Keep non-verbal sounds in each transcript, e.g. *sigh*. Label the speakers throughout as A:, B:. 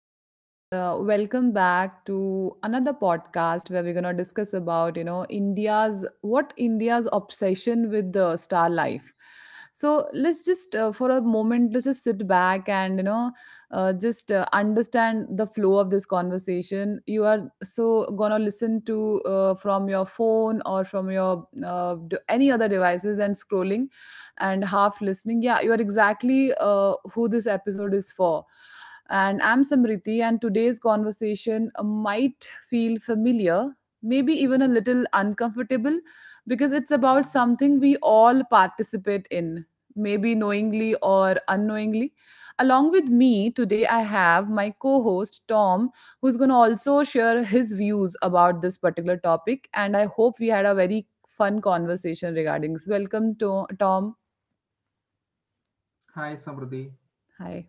A: and welcome back to another podcast where we're gonna discuss about India's what India's obsession with the star life. So let's just for a moment let's just sit back and you know just understand the flow of this conversation. You are so gonna listen to from your phone or from your any other devices and scrolling and half listening. Yeah, you are exactly who this episode is for, and I'm Samriti, and today's conversation might feel familiar, maybe even a little uncomfortable, because it's about something we all participate in, maybe knowingly or unknowingly. Along with me today, I have my co host Tom, who's going to also share his views about this particular topic. And I hope we had a very fun conversation regarding this. Welcome, Tom.
B: Hi Samruddhi.
A: Hi.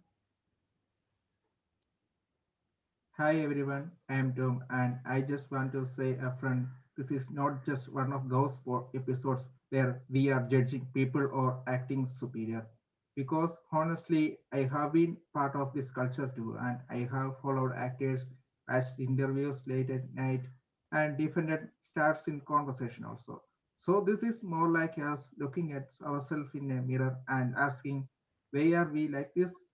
B: Hi everyone. I am Tom and I just want to say upfront, this is not just one of those episodes where we are judging people or acting superior. Because honestly, I have been part of this culture too and I have followed actors, watched interviews late at night, and defended stars in conversation also. So this is more like us looking at ourselves in a mirror and asking, why are we like this?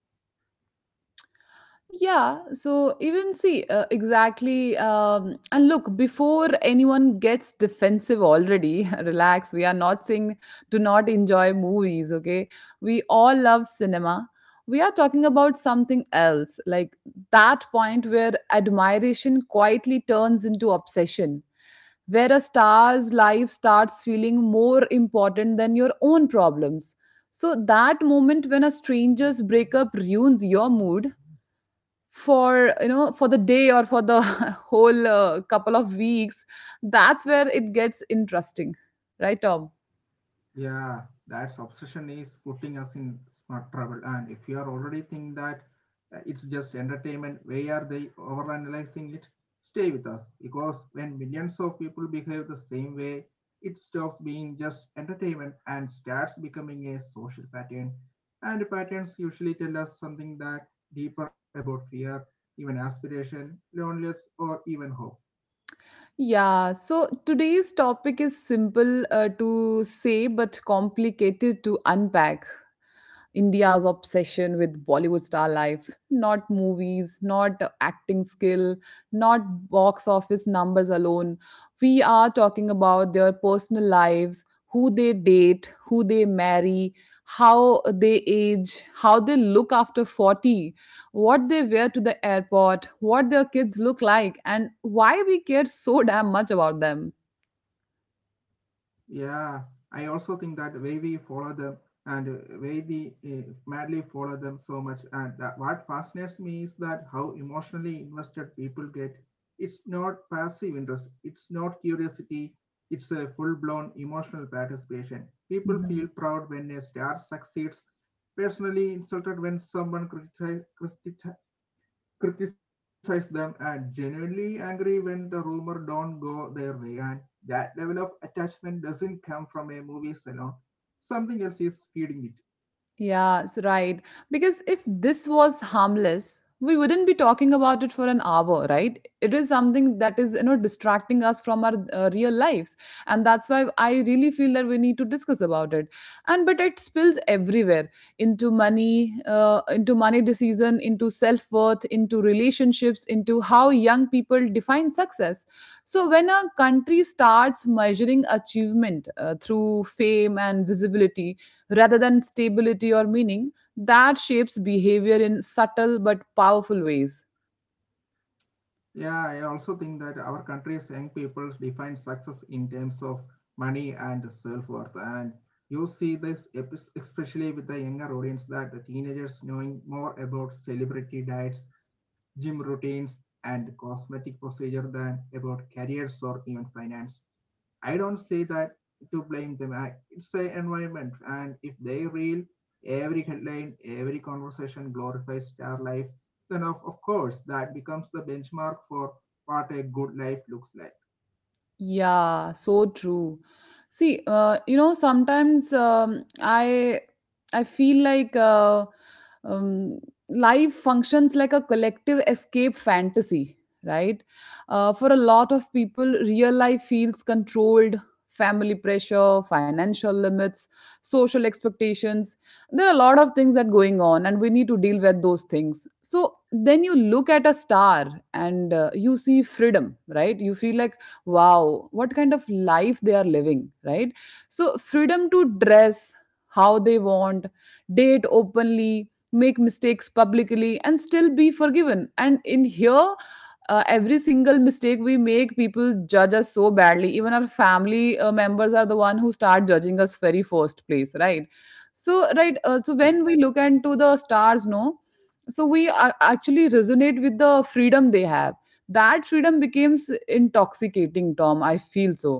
A: Yeah, so even see, exactly. And look, before anyone gets defensive already, *laughs* relax. We are not saying do not enjoy movies, okay? We all love cinema. We are talking about something else, like that point where admiration quietly turns into obsession, where a star's life starts feeling more important than your own problems. So, that moment when a stranger's breakup ruins your mood for you know for the day or for the *laughs* whole couple of weeks, that's where it gets interesting, right, Tom?
B: Yeah, that's obsession is putting us in smart trouble. And if you are already think that it's just entertainment, why are they overanalyzing it? Stay with us because when millions of people behave the same way, it stops being just entertainment and starts becoming a social pattern. And patterns usually tell us something that deeper about fear, even aspiration, loneliness, or even hope.
A: Yeah, so today's topic is simple to say but complicated to unpack. India's obsession with Bollywood star life, not movies, not acting skill, not box office numbers alone. We are talking about their personal lives, who they date, who they marry, how they age, how they look after 40, what they wear to the airport, what their kids look like, and why we care so damn much about them.
B: Yeah, I also think that way we follow them and way we madly follow them so much. And that what fascinates me is that how emotionally invested people get. It's not passive interest, it's not curiosity, it's a full blown emotional participation. People feel proud when a star succeeds, personally insulted when someone criticize them, and genuinely angry when the rumor don't go their way, and that level of attachment doesn't come from a movie alone. Something else is feeding it.
A: Yeah, it's right. Because if this was harmless, we wouldn't be talking about it for an hour, right? It is something that is, you know, distracting us from our real lives, and that's why I really feel that we need to discuss about it. And but it spills everywhere into money decision, into self worth, into relationships, into how young people define success. So when a country starts measuring achievement through fame and visibility rather than stability or meaning, that shapes behavior in subtle but powerful ways.
B: Yeah, I also think that our country's young people define success in terms of money and self-worth. And you see this especially with the younger audience, that the teenagers knowing more about celebrity diets, gym routines, and cosmetic procedure than about careers or even finance. I don't say that to blame them. It's a environment, and if they reel every headline, every conversation glorifies star life, then of course that becomes the benchmark for what a good life looks like.
A: Yeah, so true. See, you know, sometimes I feel like um, life functions like a collective escape fantasy, right? For a lot of people, real life feels controlled. Family pressure, financial limits, social expectations. There are a lot of things that going on, and we need to deal with those things. So then you look at a star and you see freedom, right? You feel like wow, what kind of life they are living, right? So freedom to dress how they want, date openly, make mistakes publicly and still be forgiven, and in here every single mistake we make, people judge us so badly, even our family members are the one who start judging us very first place, right? So when we look into the stars, no, so actually resonate with the freedom they have. That freedom becomes intoxicating, Tom, I feel so.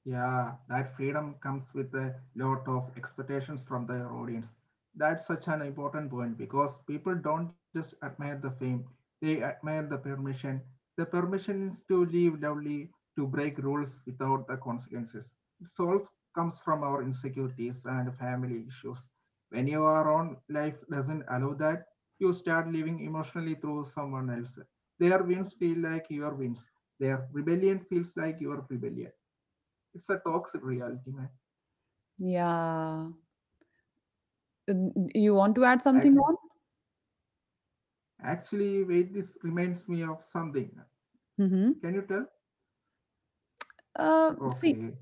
B: Yeah, that freedom comes with a lot of expectations from the audience. That's such an important point because people don't just admire the fame, they admire the permission. The permission is to live loudly, to break rules without the consequences. It all comes from our insecurities and family issues. When your own life doesn't allow that, you start living emotionally through someone else. Their wins feel like your wins. Their rebellion feels like your rebellion. It's a toxic reality, man.
A: Yeah. You want to add something
B: Ac-
A: on?
B: Actually, wait, this reminds me of something.
A: Mm-hmm.
B: Can you tell?
A: See
B: Okay.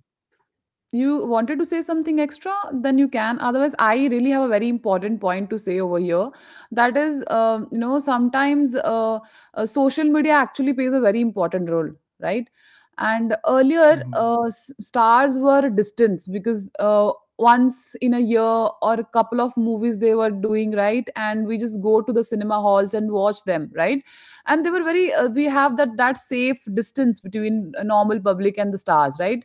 A: You wanted to say something extra? Then you can. Otherwise, I really have a very important point to say over here. That is, you know, sometimes social media actually plays a very important role, right? And earlier, stars were distance because once in a year or a couple of movies they were doing, right? And we just go to the cinema halls and watch them, right? And they were very. We have that safe distance between a normal public and the stars, right?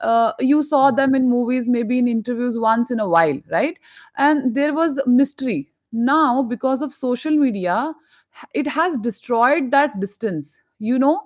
A: You saw them
B: Mm-hmm.
A: in movies, maybe in interviews once in a while, right? And there was mystery. Now, because of social media, it has destroyed that distance, you know,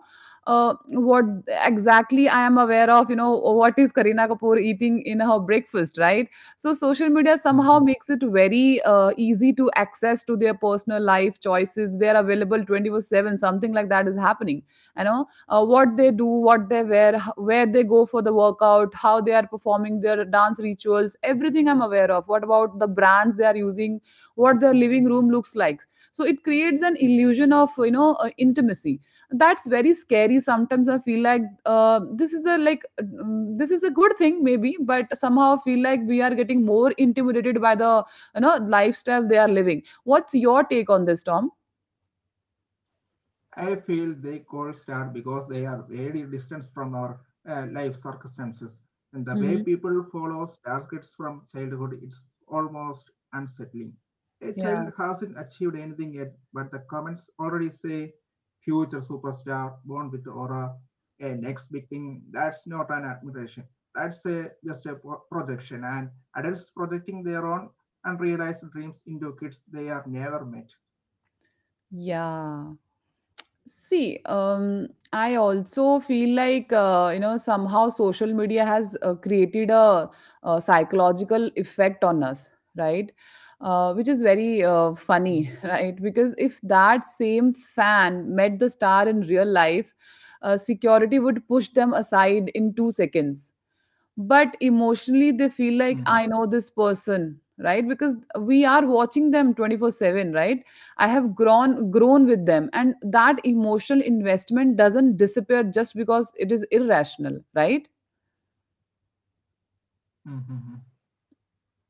A: what exactly I am aware of, you know, what is Kareena Kapoor eating in her breakfast, right? So, social media somehow makes it very easy to access to their personal life choices. They are available 24/7, something like that is happening, you know, what they do, what they wear, where they go for the workout, how they are performing their dance rituals, everything I'm aware of. What about the brands they are using, what their living room looks like. So it creates an illusion of intimacy. That's very scary. Sometimes I feel like this is a like mm, this is a good thing maybe, but somehow I feel like we are getting more intimidated by the lifestyle they are living. What's your take on this, Tom?
B: I feel they cold start because they are very distant from our life circumstances. And the way
A: Hmm.
B: people follow star kids from childhood, it's almost unsettling. A
A: Yeah,
B: child hasn't achieved anything yet, but the comments already say future superstar, born with aura, a next big thing. That's not an admiration. That's just a projection. And adults projecting their own unrealized dreams into kids they are never met.
A: yeah. See, I also feel like you know somehow social media has created a, psychological effect on us, right? Which is very funny, *laughs* right? Because if that same fan met the star in real life, security would push them aside in 2 seconds, but emotionally they feel
B: Mm-hmm.
A: like I know this person, right? Because we are watching them 24/7, right? I have grown with them, and that emotional investment doesn't disappear just because it is irrational, right?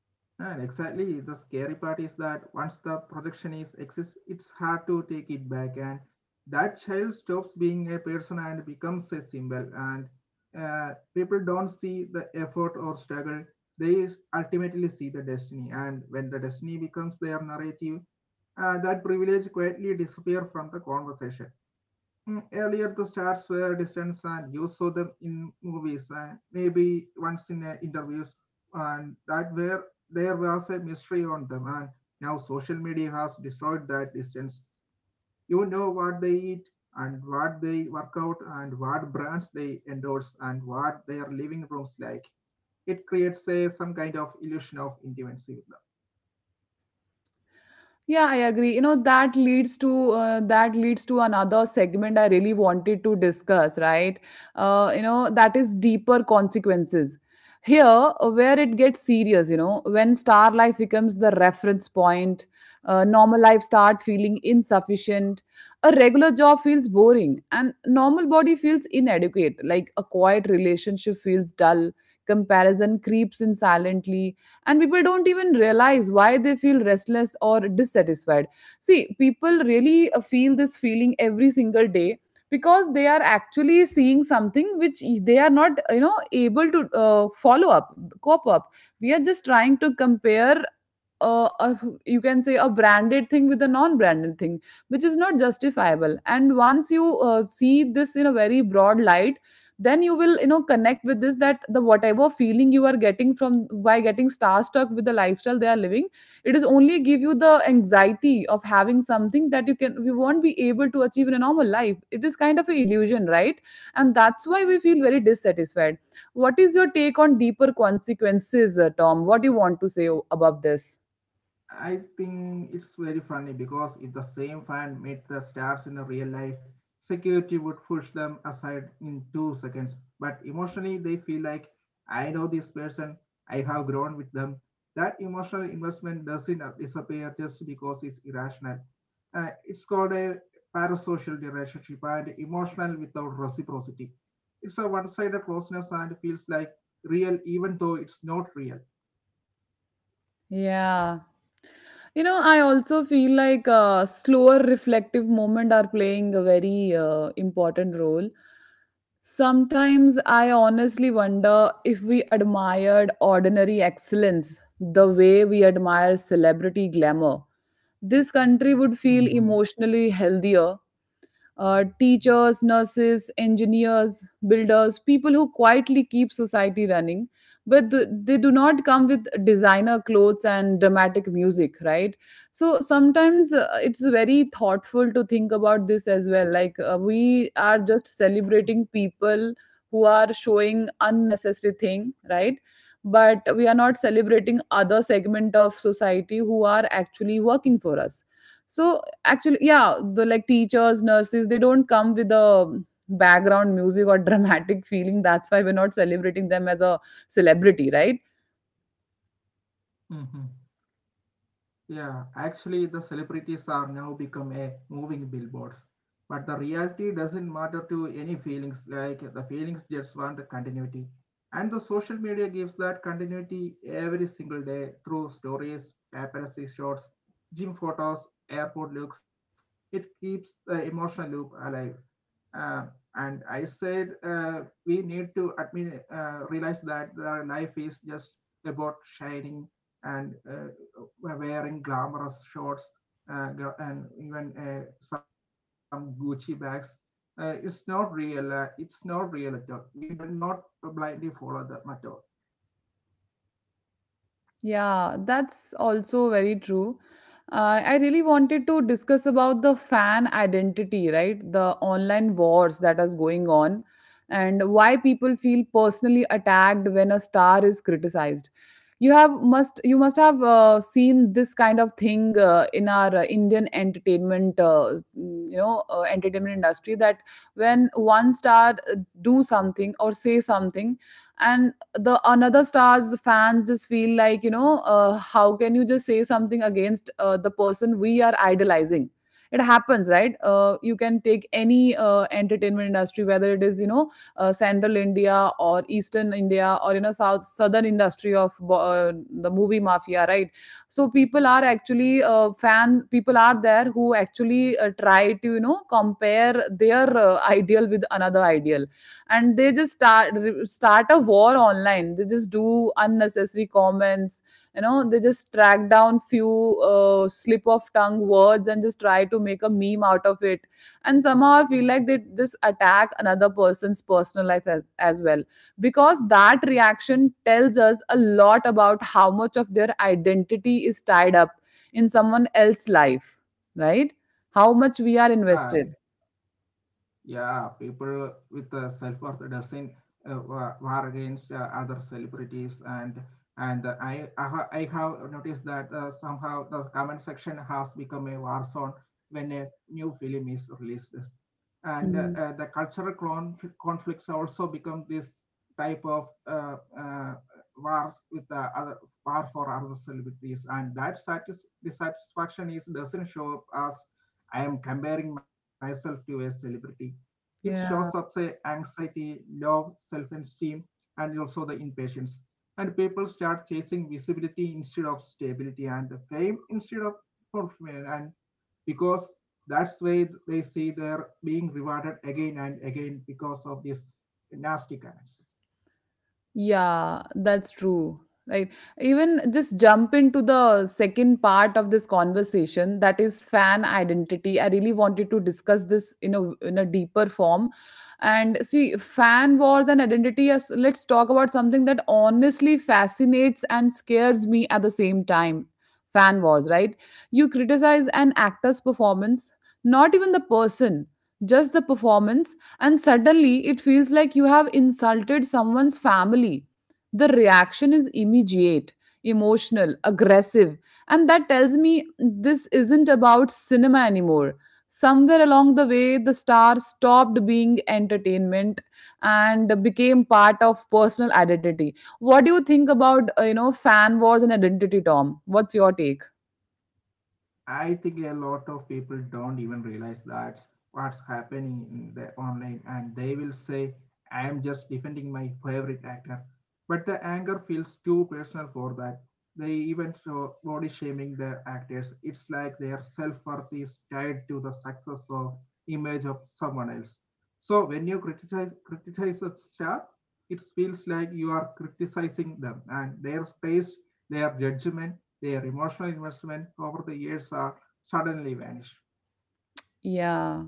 B: And exactly, the scary part is that once the projection is exists, it's hard to take it back, and that child stops being a person and becomes a symbol. And uh, people don't see the effort or struggle; they ultimately see the destiny. And when the destiny becomes their narrative, that privilege quietly disappears from the conversation. Earlier, the stars were distant, and you saw them in movies and maybe once in interviews, and that where there was a mystery on them. And now social media has destroyed that distance. You know what they eat and what they work out and what brands they endorse and what their living rooms like. It creates some kind of illusion of intimacy with them.
A: Yeah, I agree. You know, that leads to another segment I really wanted to discuss, right? You know, that is deeper consequences. Here, where it gets serious, you know, when star life becomes the reference point, normal life start feeling insufficient, a regular job feels boring, and normal body feels inadequate. Like a quiet relationship feels dull. Comparison creeps in silently, and people don't even realize why they feel restless or dissatisfied. See, people really feel this feeling every single day because they are actually seeing something which they are not, you know, able to follow up, cope up. We are just trying to compare uh, a, you can say a branded thing with a non-branded thing, which is not justifiable, and once you see this in a very broad light, then you will, you know, connect with this that the whatever feeling you are getting from by getting starstruck with the lifestyle they are living, it is only give you the anxiety of having something that you can you won't be able to achieve in a normal life. It is kind of an illusion, right? And that's why we feel very dissatisfied. What is your take on deeper consequences, Tom? What do you want to say above this?
B: I think it's very funny because if the same fan made the stars in the real life, security would push them aside in 2 seconds. But emotionally, they feel like, I know this person, I have grown with them. That emotional investment doesn't disappear just because it's irrational. It's called a parasocial relationship and emotional without reciprocity. It's a one sided closeness and feels like real even though it's not real.
A: Yeah, you know, I also feel like slower reflective moment are playing a very important role. Sometimes I honestly wonder if we admired ordinary excellence the way we admire celebrity glamour. This country would feel
B: Mhm,
A: emotionally healthier, teachers, nurses, engineers, builders, people who quietly keep society running. But they do not come with designer clothes and dramatic music, right? So sometimes it's very thoughtful to think about this as well. Like we are just celebrating people who are showing unnecessary thing, right? But we are not celebrating other segment of society who are actually working for us, so actually yeah, the like teachers, nurses, they don't come with a background music or *laughs* dramatic feeling, that's why we're not celebrating them as a celebrity, right?
B: mhm. Yeah, actually, the celebrities are now become a moving billboards. But the reality doesn't matter to any feelings, like the feelings just want continuity. And the social media gives that continuity every single day through stories, paparazzi shots, gym photos, airport looks. It keeps the emotional loop alive. Uh, and I said we need to admit, realize that the life is just about shining and wearing glamorous shorts uh, and even some Gucci bags. It's not real. It's not real at all. We do not blindly follow the method.
A: Yeah, that's also very true. I really wanted to discuss about the fan identity, right? The online wars that is going on and why people feel personally attacked when a star is criticized. You must have seen this kind of thing in our Indian entertainment, entertainment industry, that when one star do something or say something, and the another stars fans just feel like, you know, how can you just say something against the person we are idolizing. It happens, right? You can take any entertainment industry, whether it is, you know, central India or eastern India or, you know, south, southern industry of the movie mafia, right? So people are actually fans people are there who actually try to, you know, compare their ideal with another ideal, and they just start a war online. They just do unnecessary comments, you know, they just track down few slip of tongue words and just try to make a meme out of it, and somehow I feel like they just attack another person's personal life as well, because that reaction tells us a lot about how much of their identity is tied up in someone else's life, right? How much we are
B: Uh,
A: invested.
B: Yeah, people with self-worth doesn't war against other celebrities, and and I have noticed that somehow the comment section has become a war zone when a new film is released, and
A: Mhm.
B: the cultural conflicts also become this type of wars with other war for other celebrities, and that dissatisfaction is doesn't show up as I am comparing myself to a celebrity. It
A: Yeah.
B: shows up say anxiety, low self-esteem, and also the impatience. And people start chasing visibility instead of stability and the fame instead of fulfillment. And because that's why they see they're being rewarded again and again because of these nasty comments.
A: Yeah, that's true. Right. Even just jump into the second part of this conversation, that is fan identity. I really wanted to discuss this in a deeper form. And see, fan wars and identity. Yes, let's talk about something that honestly fascinates and scares me at the same time. Fan wars, right? You criticize an actor's performance, not even the person, just the performance, and suddenly it feels like you have insulted someone's family. The reaction is immediate, emotional, aggressive, and that tells me this isn't about cinema anymore. Somewhere along the way, the star stopped being entertainment and became part of personal identity. What do you think about fan wars and identity, Tom? What's your take?
B: I think a lot of people don't even realize that's what's happening in the online, and they will say, "I am just defending my favorite actor," but the anger feels too personal for that. They even show body shaming the actors. It's like their self worth is tied to the success or image of someone else. So when you criticize a star, it feels like you are criticizing them and their taste, their judgment, their emotional investment over the years are suddenly vanished.
A: Yeah.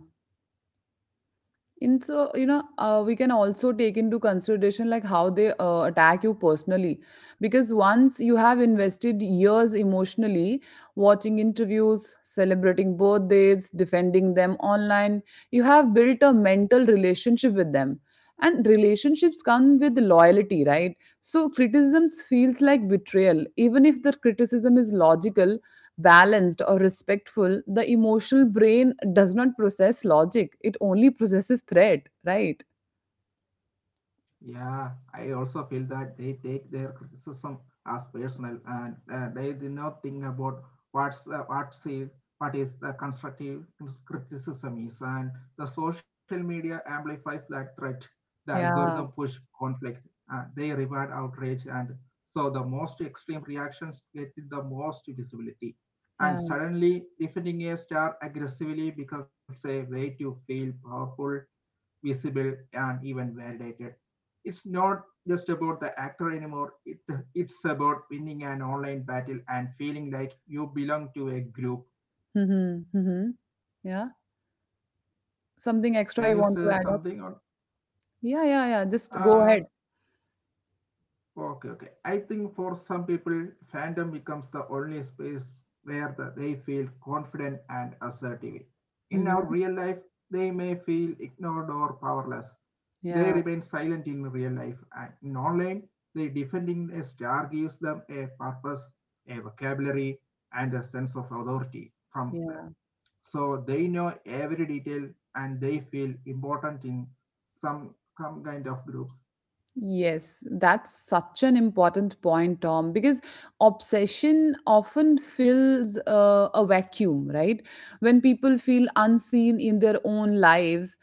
A: in so you know We can also take into consideration like how they attack you personally, because once you have invested years emotionally, watching interviews, celebrating birthdays, defending them online, you have built a mental relationship with them, and relationships come with loyalty, right? So criticisms feels like betrayal, even if the criticism is logical, balanced or respectful. The emotional brain does not process logic. It only processes threat, right?
B: Yeah, I also feel that they take their criticism as personal and they do not think about what's uh, what's it, what is the constructive criticism is, and the social media amplifies that threat. The algorithm
A: Yeah,
B: push conflict. They reward outrage, and so the most extreme reactions get the most visibility. And
A: yeah.
B: suddenly, defending a star aggressively becomes a way to feel powerful, visible, and even validated. It's not just about the actor anymore, it's about winning an online battle and feeling like you belong to a group.
A: Hmm, hmm. Yeah. Something extra
B: Can you
A: you want
B: say
A: to add up?
B: something on?
A: Yeah, yeah, yeah. Just go
B: Uh,
A: ahead.
B: okay. I think for some people, fandom becomes the only space where they feel confident and assertive. In our
A: Hmm.
B: real life, they may feel ignored or powerless. They
A: Yeah,
B: remain silent in real life, and in online, they defending a star gives them a purpose, a vocabulary, and a sense of authority from them.
A: yeah.
B: So they know every detail and they feel important in some some kind of groups.
A: Yes, that's such an important point, Tom, because obsession often fills a vacuum, right? When people feel unseen in their own lives,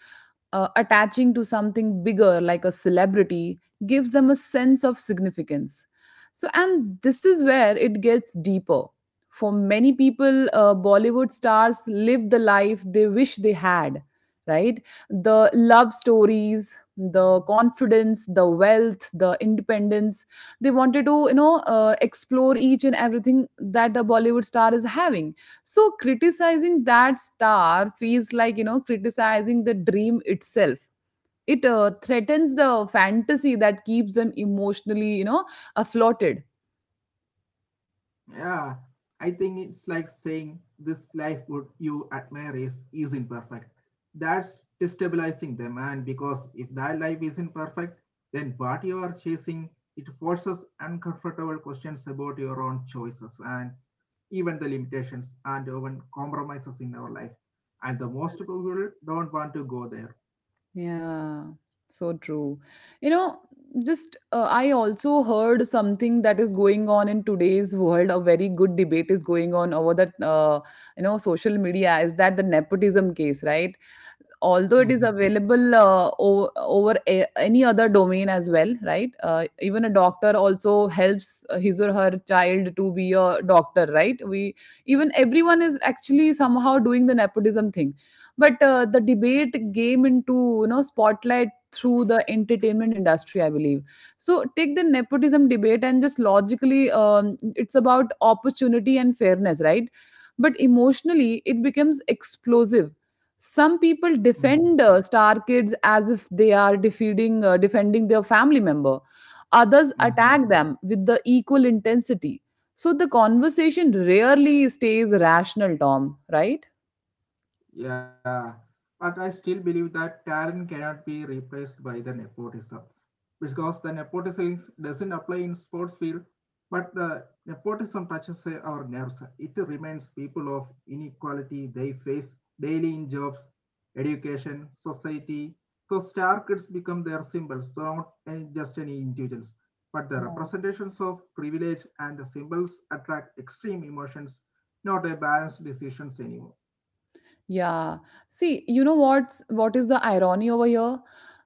A: attaching to something bigger like a celebrity gives them a sense of significance. So, and this is where it gets deeper. For many people, Bollywood stars live the life they wish they had, right? The love stories, the confidence, the wealth, the independence. They wanted to explore each and everything that a Bollywood star is having. So criticizing that star feels like criticizing the dream itself. It threatens the fantasy that keeps them emotionally afloated.
B: Yeah, I think it's like saying this life would you admire isn't perfect. That's destabilizing them, and because if that life isn't perfect, then what you are chasing, it forces uncomfortable questions about your own choices and even the limitations and even compromises in our life. And the most people don't want to go there.
A: Yeah, so true. You know, just I also heard something that is going on in today's world. A very good debate is going on over that, you know, social media is that the nepotism case, right? Although it is
B: Hmm.
A: available over any other domain as well, right? Even a doctor also helps his or her child to be a doctor, right? We, even everyone is actually somehow doing the nepotism thing, but the debate came into spotlight through the entertainment industry, I believe. So take the nepotism debate and just logically, it's about opportunity and fairness, right? But emotionally, it becomes explosive. Some people defend
B: Hmm.
A: star kids as if they are defeating defending their family member. Others attack them
B: Hmm.
A: with the equal intensity. So the conversation rarely stays rational, Tom, right?
B: Yeah, but I still believe that talent cannot be replaced by the nepotism because the nepotism is- doesn't apply in sports field, but the nepotism touches our nerves. It reminds people of inequality they face daily in jobs, education, society. So star kids become their symbols, so not any, just any individuals, but the
A: Yeah.
B: representations of privilege, and the symbols attract extreme emotions, not a balanced decisions anymore.
A: Yeah. See, you know what is the irony over here?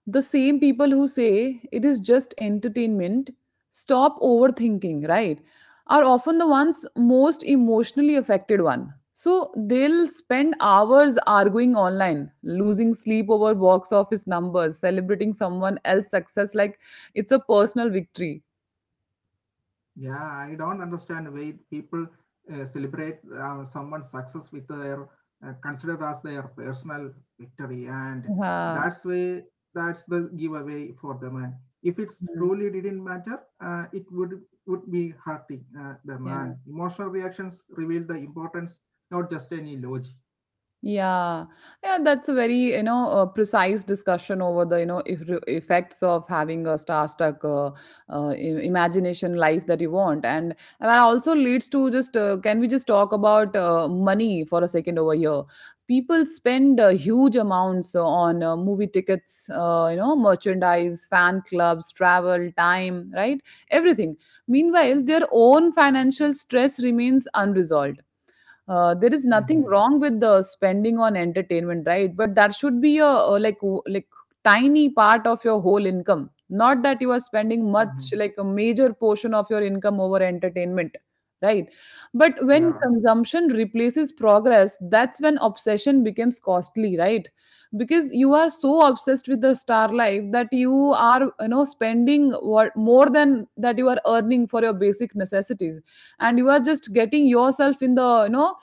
A: The same people who say it is just entertainment, stop overthinking, right? Are often the ones most emotionally affected one. So they'll spend hours arguing online, losing sleep over box office numbers, celebrating someone else's success like it's a personal victory.
B: Yeah, I don't understand why people celebrate someone's success with their considered as their personal victory, and
A: Yeah.
B: that's way that's the giveaway for the man. If it's
A: Mhm.
B: truly didn't matter, it would be hurting the man. Emotional reactions reveal the importance, not just any logic.
A: Yeah, yeah, that's a very precise discussion over the you know if, effects of having a star-stuck imagination life that you want, and that also leads to just can we just talk about money for a second over here? People spend huge amounts on movie tickets, merchandise, fan clubs, travel, time, right? Everything. Meanwhile, their own financial stress remains unresolved. There is nothing
B: Hmm.
A: wrong with the spending on entertainment, right? But that should be a, like tiny part of your whole income, not that you are spending
B: Hmm.
A: much like a major portion of your income over entertainment, right? But
B: Yeah.
A: when consumption replaces progress, that's when obsession becomes costly, right? Because you are so obsessed with the star life that you are, you know, spending what more than that you are earning for your basic necessities, and you are just getting yourself in the, you know,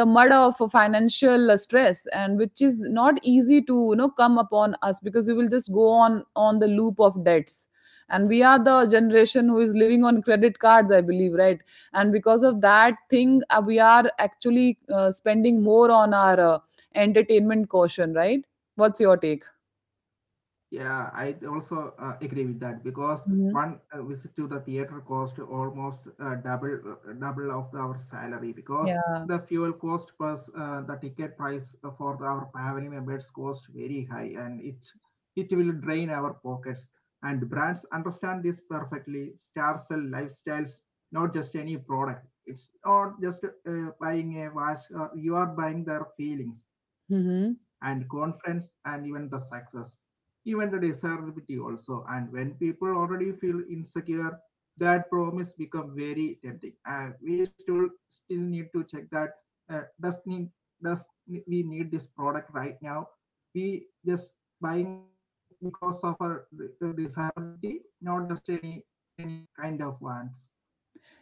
A: the mud of financial stress, and which is not easy to, you know, come upon us, because we will just go on the loop of debts, and we are the generation who is living on credit cards, I believe, right? And because of that thing, we are actually spending more on our entertainment caution, right? What's your take?
B: Yeah, I also agree with that because
A: Hmm.
B: one visit to the theater cost almost double of our salary because
A: Yeah.
B: the fuel cost plus the ticket price for our family members cost very high, and it will drain our pockets. And brands understand this perfectly. Stars sell lifestyles, not just any product. It's not just buying a watch. You are buying their feelings and
A: Hmm.
B: confidence and even the success, even the desirability also. And when people already feel insecure, that promise become very tempting. We still need to check that uh, does need does we need this product right now? We just buying because of our desirability, not just any kind of wants.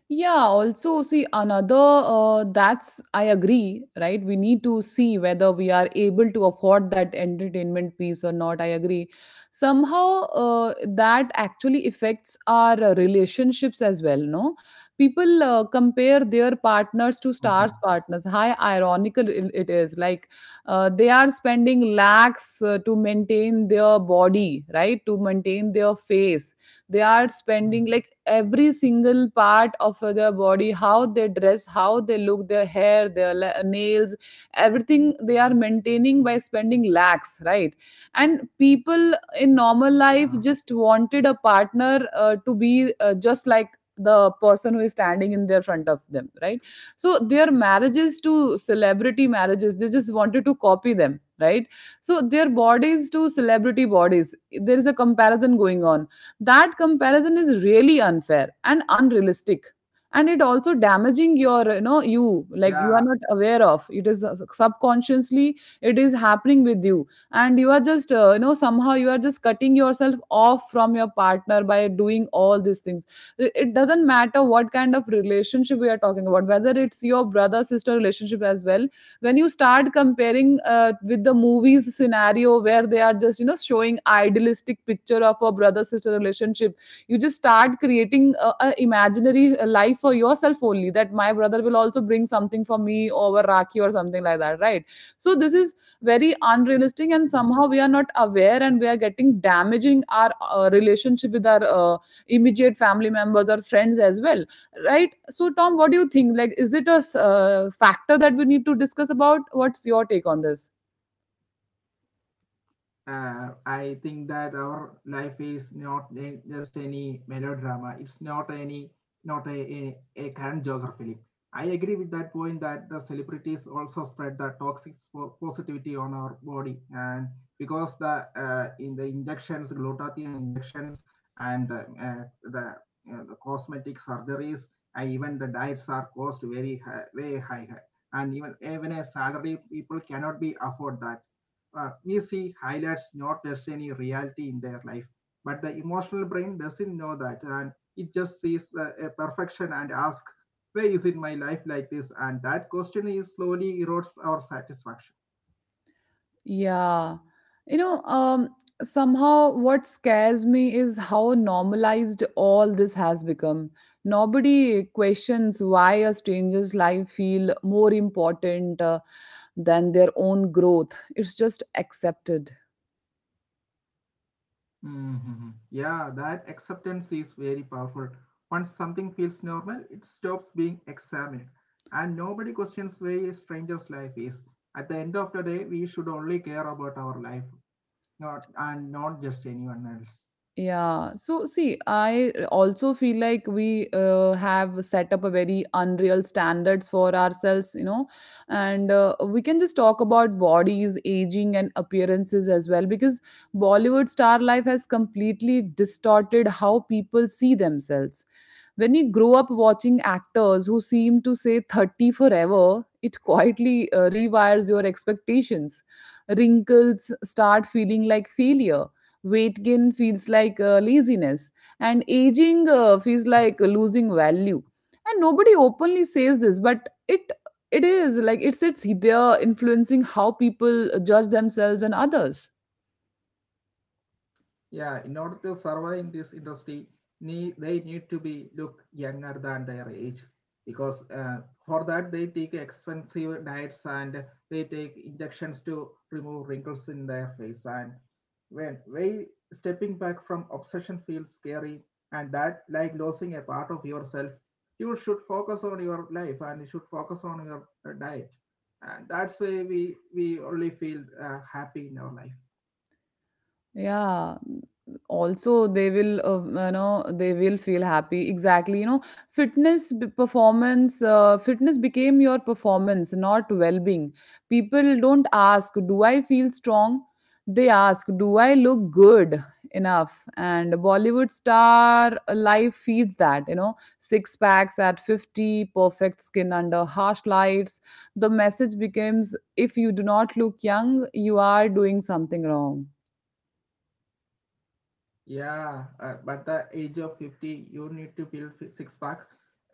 A: Yeah, also see another that's I agree, right? We need to see whether we are able to afford that entertainment piece or not. I agree. Somehow that actually affects our relationships as well, no? People compare their
B: Mhm.
A: partners to stars' partners. How ironical it is. Like they are spending lakhs to maintain their body, right? To maintain their face,
B: Mm.
A: they are spending like every single part of their body, how they dress, how they look, their hair, their nails. Everything they are maintaining by spending lakhs, right? And people in normal
B: Yeah,
A: life just wanted a partner to be just like the person who is standing in their front of them, right? So their marriages to celebrity marriages, they just wanted to copy them, right? So their bodies to celebrity bodies, there is a comparison going on. That comparison is really unfair and unrealistic, and it also damaging your, you know, you
B: yeah.
A: like, you are not aware of it, is subconsciously it is happening with you, and you are just somehow you are just cutting yourself off from your partner by doing all these things. It doesn't matter what kind of relationship we are talking about, whether it's your brother sister relationship as well. When you start comparing with the movies scenario where they are just, you know, showing idealistic picture of a brother sister relationship, you just start creating a imaginary life for yourself, only that my brother will also bring something for me over rakhi or something like that, right? So this is very unrealistic, and
B: Mm.
A: somehow we are not aware, and we are getting damaging our relationship with our immediate family members or friends as well, right? So Tom, what do you think, like is it a factor that we need to discuss about? What's your take on this?
B: I think that our life is not just any melodrama. It's not any not a, a current geography. I agree with that point that the celebrities also spread the toxic positivity on our body, and because the in the injections, glutathione injections, and uh, the, the cosmetic surgeries, and even the diets are cost very high, way high. And even a salary people cannot be afford that easy highlights not just any reality in their life, but the emotional brain doesn't know that, and it just sees the a perfection and asks where is it my life like this, and that question is slowly erodes our satisfaction.
A: Yeah. You know, somehow what scares me is how normalized all this has become. Nobody questions why a stranger's life feel more important than their own growth. It's just accepted.
B: Mm-hmm. Yeah, that acceptance is very powerful. Once something feels normal, it stops being examined, and nobody questions where a stranger's life is. At the end of the day, we should only care about our life, not just anyone else.
A: Yeah. So see, I also feel like we have set up a very unreal standards for ourselves, you know, and we can just talk about bodies, aging, and appearances as well, because Bollywood star life has completely distorted how people see themselves. When you grow up watching actors who seem to say 30 forever, it quietly rewires your expectations. Wrinkles start feeling like failure. Weight gain feels like laziness. And aging feels like losing value. And nobody openly says this, but it is like it sits there influencing how people judge themselves and others.
B: Yeah, in order to survive in this industry, they need to be look younger than their age, because for that they take expensive diets, and they take injections to remove wrinkles in their face. And when way stepping back from obsession feels scary, and that like losing a part of yourself, you should focus on your life, and you should focus on your diet, and that's why we only feel happy in our life.
A: Yeah, also they will, you know, they will feel happy exactly, you know, performance, fitness became your performance, not well-being. People don't ask, do I feel strong? They ask, do I look good enough? And Bollywood star life feeds that, you know, six packs at 50, perfect skin under harsh lights. The message becomes, if you do not look young, you are doing something wrong.
B: Yeah, but the age of 50, you need to build six pack.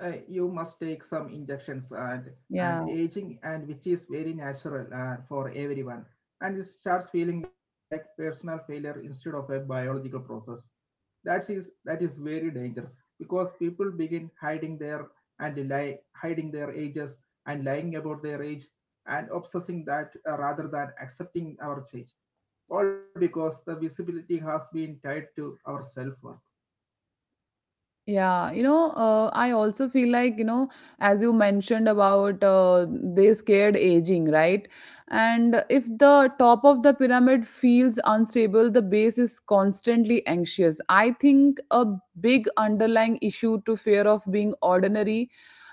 B: You must take some injections. and
A: Yeah.
B: and aging and which is very natural for everyone. And it starts feeling like personal failure instead of a biological process. That is very dangerous because people begin hiding their hiding their ages and lying about their age and obsessing that rather than accepting our change, all because the visibility has been tied to our self worth.
A: Yeah, you know, I also feel like, you know, as you mentioned about they scared aging, right? And if the top of the pyramid feels unstable, the base is constantly anxious. I think a big underlying issue to fear of being ordinary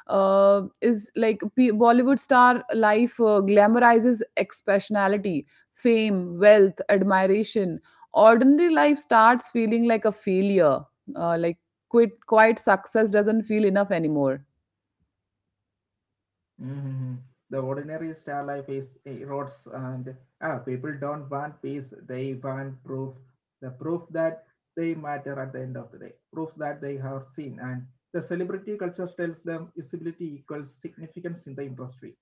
A: is like Bollywood star life glamorizes exceptionality, fame, wealth, admiration. Ordinary life starts feeling like a failure. Like quite success doesn't feel enough anymore.
B: Mm-hmm. The ordinary star life is erodes, and ah, people don't want peace, they want proof. The proof that they matter at the end of the day, proof that they have seen. And the celebrity culture tells them visibility equals significance in the industry.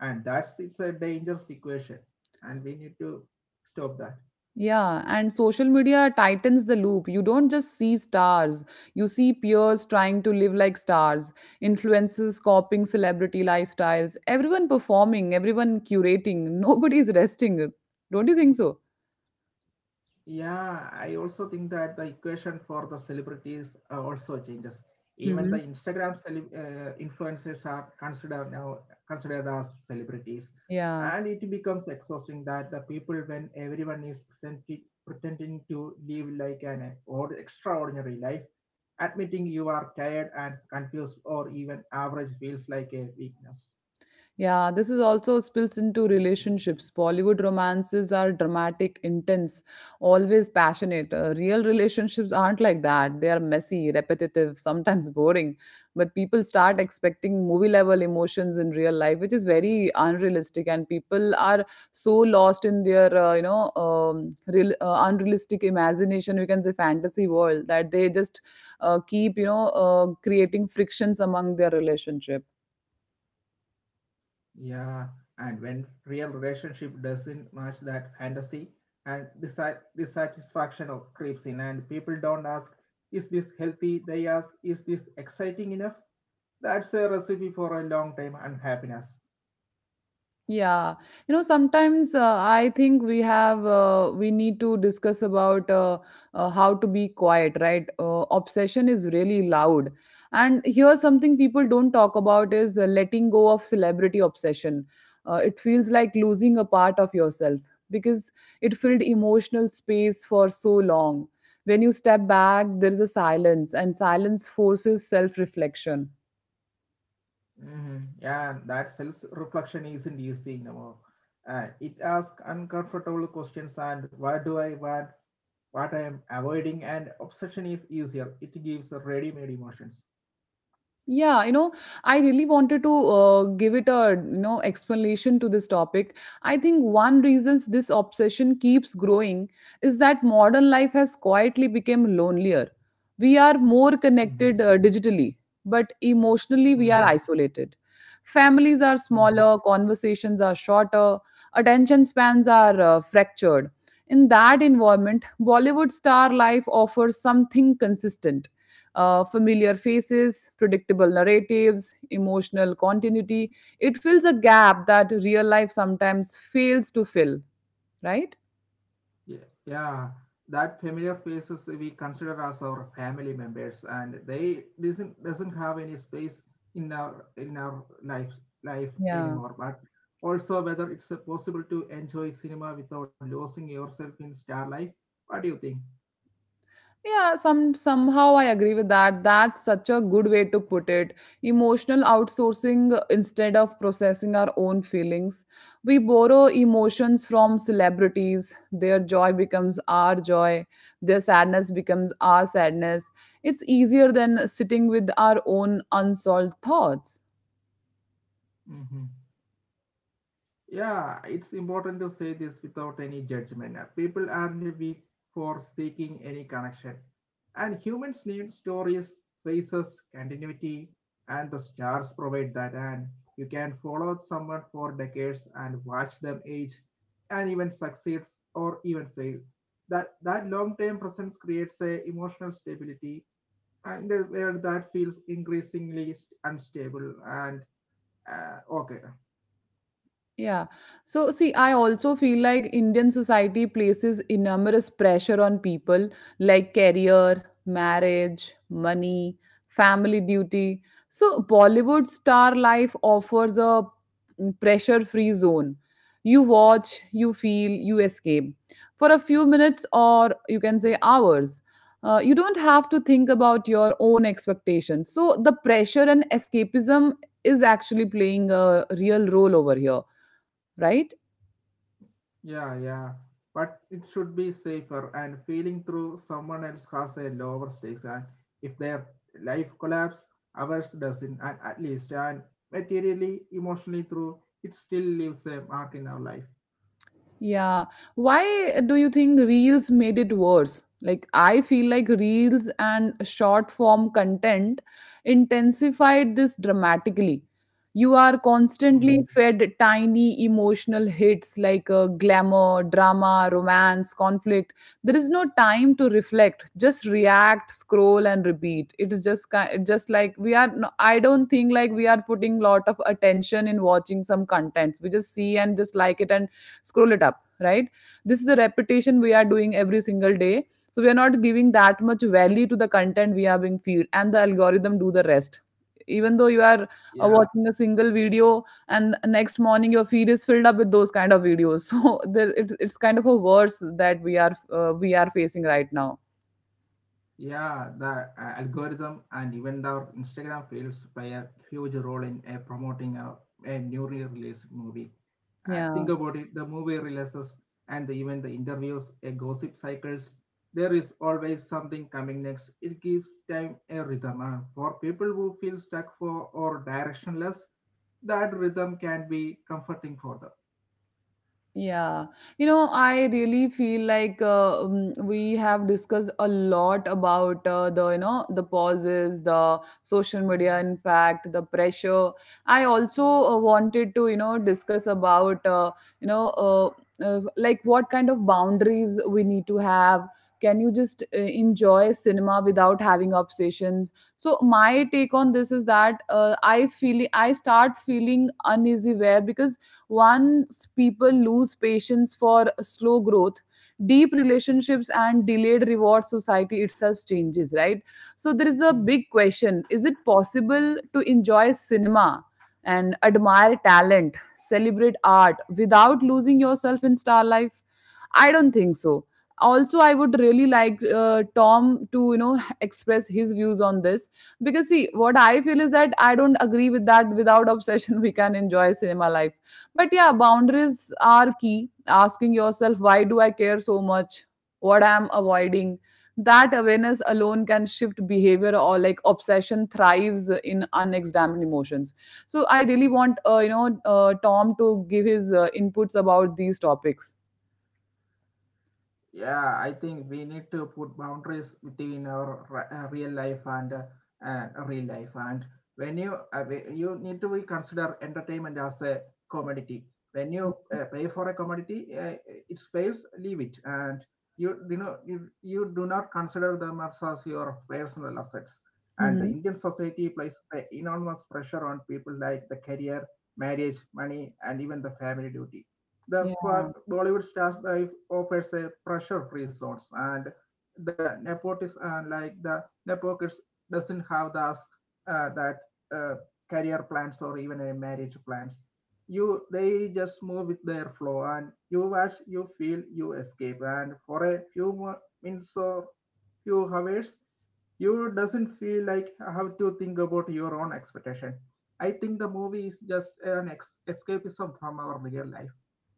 B: And that's it's a dangerous equation. And we need to stop that.
A: Yeah, and social media tightens the loop. You don't just see stars, you see peers trying to live like stars, influencers copying celebrity lifestyles, everyone performing, everyone curating, *laughs* nobody's resting. Don't you think so?
B: Yeah, I also think that the equation for the celebrities also changes. Even the
A: Hmm.
B: Instagram celeb influencers are considered now, considered as celebrities,
A: Yeah.
B: and it becomes exhausting that the people when everyone is pretending to live like an or extraordinary life, admitting you are tired and confused or even average feels like a weakness.
A: Yeah, this is also spills into relationships. Bollywood romances are dramatic, intense, always passionate. Real relationships aren't like that. They are messy, repetitive, sometimes boring. But people start expecting movie level emotions in real life, which is very unrealistic. And people are so lost in their, real, unrealistic imagination, we can say fantasy world, that they just keep, you know, creating frictions among their relationship.
B: Yeah, and when real relationship doesn't match that fantasy and disa dissatisfaction of creeps in, and people don't ask, is this healthy? They ask, is this exciting enough? That's a recipe for a long time unhappiness.
A: Yeah, you know, sometimes I think we have we need to discuss about how to be quiet, right? Obsession is really loud, and here's something people don't talk about is letting go of celebrity obsession. It feels like losing a part of yourself because it filled emotional space for so long. When you step back, there is a silence, and silence forces self-reflection.
B: Hmm. Yeah, and that self-reflection isn't easy anymore. It asks uncomfortable questions and what do I want? What I am avoiding, and obsession is easier. It gives ready-made emotions.
A: Yeah, you know, I really wanted to give it a explanation to this topic. I think one reasons this obsession keeps growing is that modern life has quietly become lonelier. We are more connected
B: Hmm.
A: digitally, but emotionally we are
B: Hmm.
A: isolated. Families are smaller, conversations are shorter, attention spans are fractured. In that environment, Bollywood star life offers something consistent, familiar faces, predictable narratives, emotional continuity. It fills a gap that real life sometimes fails to fill, right?
B: Yeah, yeah, that familiar faces we consider as our family members, and they doesn't have any space in our life
A: Yeah.
B: anymore. But also, whether it's possible to enjoy cinema without losing yourself in star life. What do you think?
A: Yeah, somehow I agree with that. That's such a good way to put it. Emotional outsourcing instead of processing our own feelings. We borrow emotions from celebrities. Their joy becomes our joy. Their sadness becomes our sadness. It's easier than sitting with our own unsolved thoughts.
B: Mm-hmm. Yeah, it's important to say this without any judgment. People aren't weak for seeking any connection. And humans need stories, faces, continuity, and the stars provide that. And you can follow someone for decades and watch them age and even succeed or even fail. That long-term presence creates a emotional stability and the where that feels increasingly unstable and okay.
A: Yeah. So, see, I also feel like Indian society places enormous pressure on people like career, marriage, money, family duty. So, Bollywood star life offers a pressure free zone. You watch, you feel, you escape for a few minutes, or you can say hours. You don't have to think about your own expectations. So, the pressure and escapism is actually playing a real role over here, right?
B: Yeah, yeah. But it should be safer, and feeling through someone else has a lower stakes, and if their life collapse, ours doesn't, and at least and materially, emotionally through it still leaves a mark in our life.
A: Yeah. Why do you think reels made it worse? Like, I feel like reels and short form content intensified this dramatically. You are constantly
B: Mhm.
A: fed tiny emotional hits like glamour, drama, romance, conflict. There is no time to reflect. Just react, scroll, and repeat. It is just like we are. No- I don't think like we are putting lot of attention in watching some contents. We just see and just like it and scroll it up, right? This is the repetition we are doing every single day, so we are not giving that much value to the content we are being fed, and the algorithm do the rest, even though you are
B: Yeah.
A: watching a single video and next morning your feed is filled up with those kind of videos. *laughs* So there, it's kind of a worse that we are facing right now,
B: Yeah, the algorithm and even our Instagram fields play a huge role in promoting a newly released movie.
A: yeah.
B: Think about it: the movie releases and even the interviews, a gossip cycles. There is always something coming next. It gives time a rhythm, and for people who feel stuck for or directionless, that rhythm can be comforting for
A: Yeah, you know, I really feel like we have discussed a lot about the, you know, the pauses, the social media, in fact, the pressure. I also wanted to, you know, discuss about, you know, uh, like what kind of boundaries we need to have. Can you just enjoy cinema without having obsessions? So my take on this is that I feel I start feeling uneasy where because once people lose patience for slow growth, deep relationships and delayed reward society itself changes, right? So there is a big
B: them.
A: question, is it possible to enjoy cinema? And admire talent, celebrate art without losing yourself in star life? I don't think so. Also, I would really like Tom to, you know, *laughs* express his views on this because, see, what I feel is that I don't agree with that. Without obsession, *laughs* we can enjoy cinema life. But yeah, boundaries are key. Asking yourself, why do I care so much? What I'm avoiding? That awareness alone can shift behavior or like obsession thrives in unexamined emotions. So I really want, Tom to give his inputs about these topics.
B: Yeah, I think we need to put boundaries between our real life and real life, and when you you need to be consider entertainment as a commodity. When you pay for a commodity, it fails leave it, and you do not consider them as your personal assets. And the Indian
A: Mhm.
B: society places a enormous pressure on people like the career, marriage, money, and even the family duty. The
A: Yeah.
B: Bollywood stars life offers a pressure-free zones, and the nepotism, and like the nepokids, doesn't have those that uh, career plans or even a marriage plans. You they just move with their flow, and you watch, you feel, you escape, and for a few minutes or few hours, you doesn't feel like have to think about your own expectation. I think the movie is just an escapism from our real life.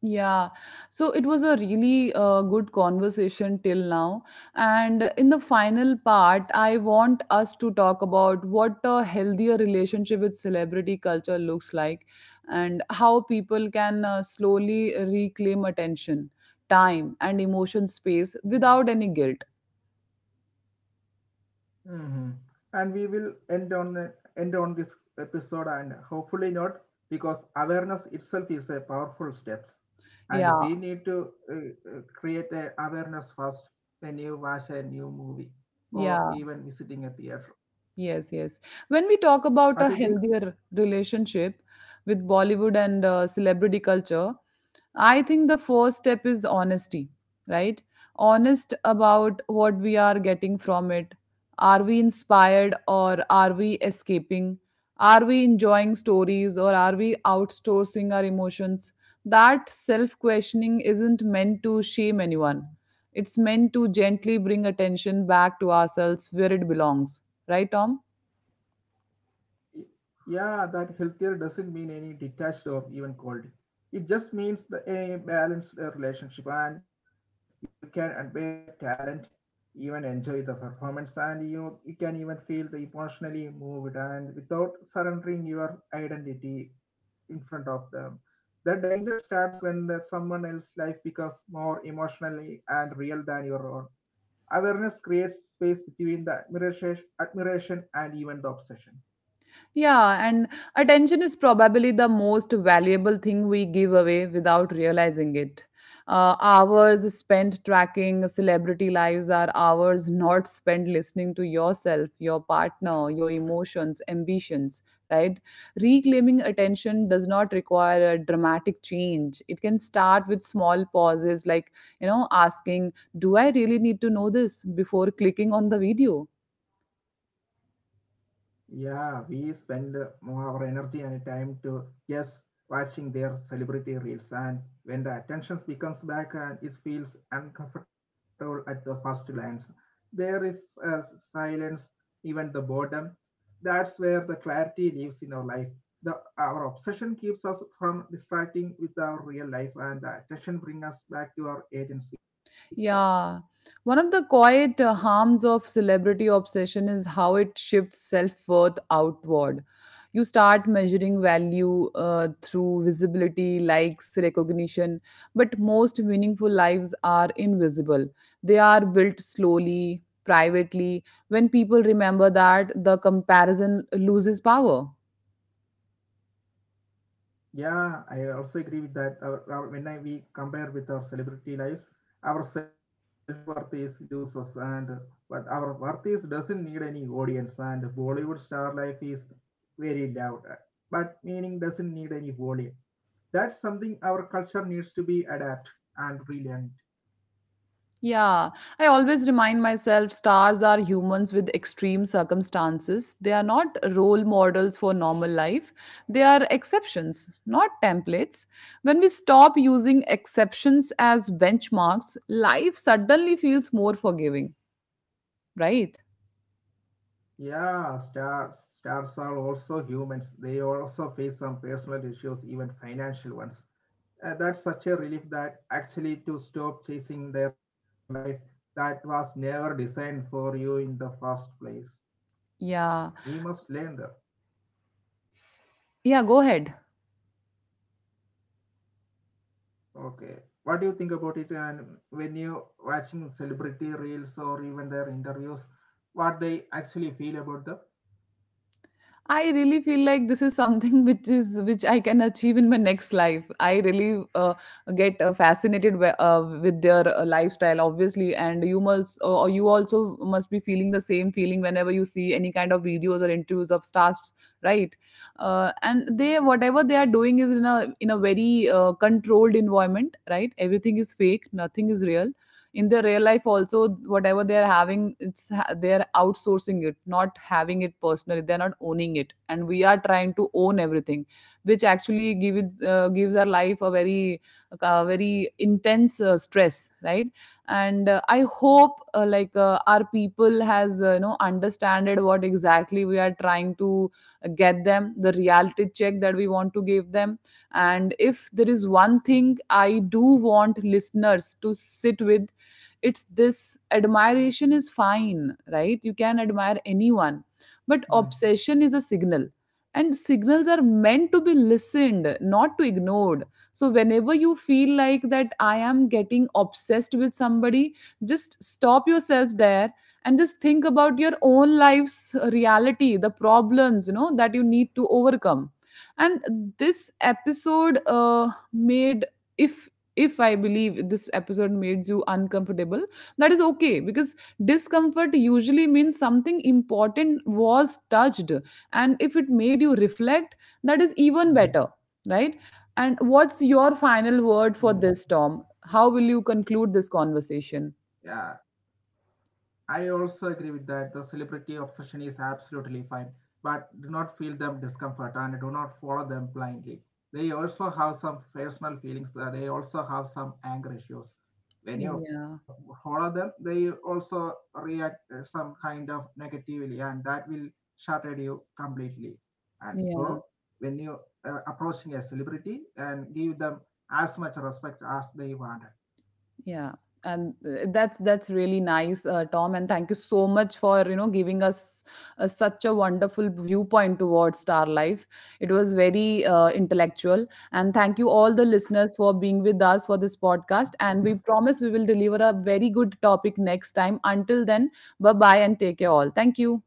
A: Yeah. So it was a really good conversation till now. And in the final part, I want us to talk about what a healthier relationship with celebrity culture looks like and how people can slowly reclaim attention, time, and emotion space without any guilt.
B: Hmm. And we will end on this episode, and hopefully not, because awareness itself is a powerful steps, and
A: Yeah.
B: we need to create a awareness first when you watch a new movie or even
A: Yeah.
B: visiting a theater.
A: Yes, yes. When we talk
B: What do you
A: about a
B: think?
A: healthier relationship with Bollywood and celebrity culture, I think the first step is honesty, right? Honest about what we are getting from it. Are we inspired or are we escaping? Are we enjoying stories or are we outsourcing our emotions? That self questioning isn't meant to shame anyone. It's meant to gently bring attention back to ourselves where it belongs. Right, Tom?
B: Y- Yeah, that healthier doesn't mean any detached or even cold. It just means a balanced relationship, and you can admire talent, even enjoy the performance, and you can even feel the emotionally moved and without surrendering your identity in front of them. The danger starts when that someone else's life becomes more emotionally and real than your own. Awareness creates space between the admiration and even the obsession.
A: Yeah, and attention is probably the most valuable thing we give away without realizing it. Hours spent tracking celebrity lives are hours not spent listening to yourself, your partner, your emotions, ambitions, right? Reclaiming attention does not require a dramatic change. It can start with small pauses like, you know, asking, do I really need to know this before clicking on the video?
B: Yeah, we spend more our energy and time to just watching their celebrity reels, and when the attention becomes back and it feels uncomfortable at the first glance, there is a silence, even the boredom. That's where the clarity lives in our life. Our obsession keeps us from distracting with our real life, and the attention brings us back to our agency.
A: Yeah. One of the quiet harms of celebrity obsession is how it shifts self worth outward. You start measuring value through visibility, likes, recognition, but most meaningful lives are invisible. They are built slowly, privately. When people remember that, the comparison loses power.
B: Yeah, I also agree with that. When we compare with our celebrity lives, our self-worth is loses, and but our worth is doesn't need any audience, and Bollywood star life is very loud, but meaning doesn't need any volume. That's something our culture needs to be adapt and relearned.
A: Yeah, I always remind myself stars are humans with extreme circumstances. They are not role models for normal life. They are exceptions, not templates. When we stop using exceptions as benchmarks, life suddenly feels more forgiving, right?
B: Yeah, stars are also humans. They also face some personal issues, even financial ones. Uh, that's such a relief that actually to stop chasing their life that was never designed for you in the first place.
A: Yeah.
B: You must learn that.
A: Yeah, go ahead.
B: Okay. What do you think about it? And when you watching celebrity reels or even their interviews, what they actually feel about the?
A: I really feel like this is something *laughs* which I can achieve in my next life. I really get fascinated with their lifestyle, obviously, and you must or you also must be feeling the same feeling whenever you see any kind of videos or interviews of stars, right? And they whatever they are doing is in a very controlled environment, right? Everything is fake, nothing is real in their real life also, whatever they're having, they're outsourcing it, not having it personally, they're not owning it, and we are trying to own everything, which actually gives our life a very intense stress, right? And I hope like our people has you know understanded what exactly we are trying to get them, the reality check that we want to give them. And if there is one thing I do want listeners to sit with, it's this, admiration is fine, right? You can admire anyone, but obsession
B: Mm,
A: is a signal, and signals are meant to be listened not to ignored. So whenever you feel like that I am getting obsessed with somebody, just stop yourself there and just think about your own life's reality, the problems, you know, that you need to overcome. And this episode made if if I believe this episode made you uncomfortable, that is okay because discomfort usually means something important was touched, and if it made you reflect, that is
B: mhm,
A: even better, right? And what's your final word for
B: mm.
A: this, Tom? How will you conclude this conversation?
B: Yeah, I also agree with that. The celebrity obsession is absolutely fine, but do not feel them discomfort and do not follow them blindly. They also have some personal feelings. Uh, they also have some anger issues. When
A: Yeah,
B: you follow them, they also react some kind of negatively, and that will shatter you completely. And
A: yeah.
B: so, when you are approaching a celebrity and give them as much respect as they wanted.
A: Yeah, and that's really nice, Tom. And thank you so much for you know giving us such a wonderful viewpoint towards star life. It was very intellectual, and thank you all the listeners for being with us for this podcast. And we promise we will deliver a very good topic next time. Until then, bye bye and take care all. Thank you.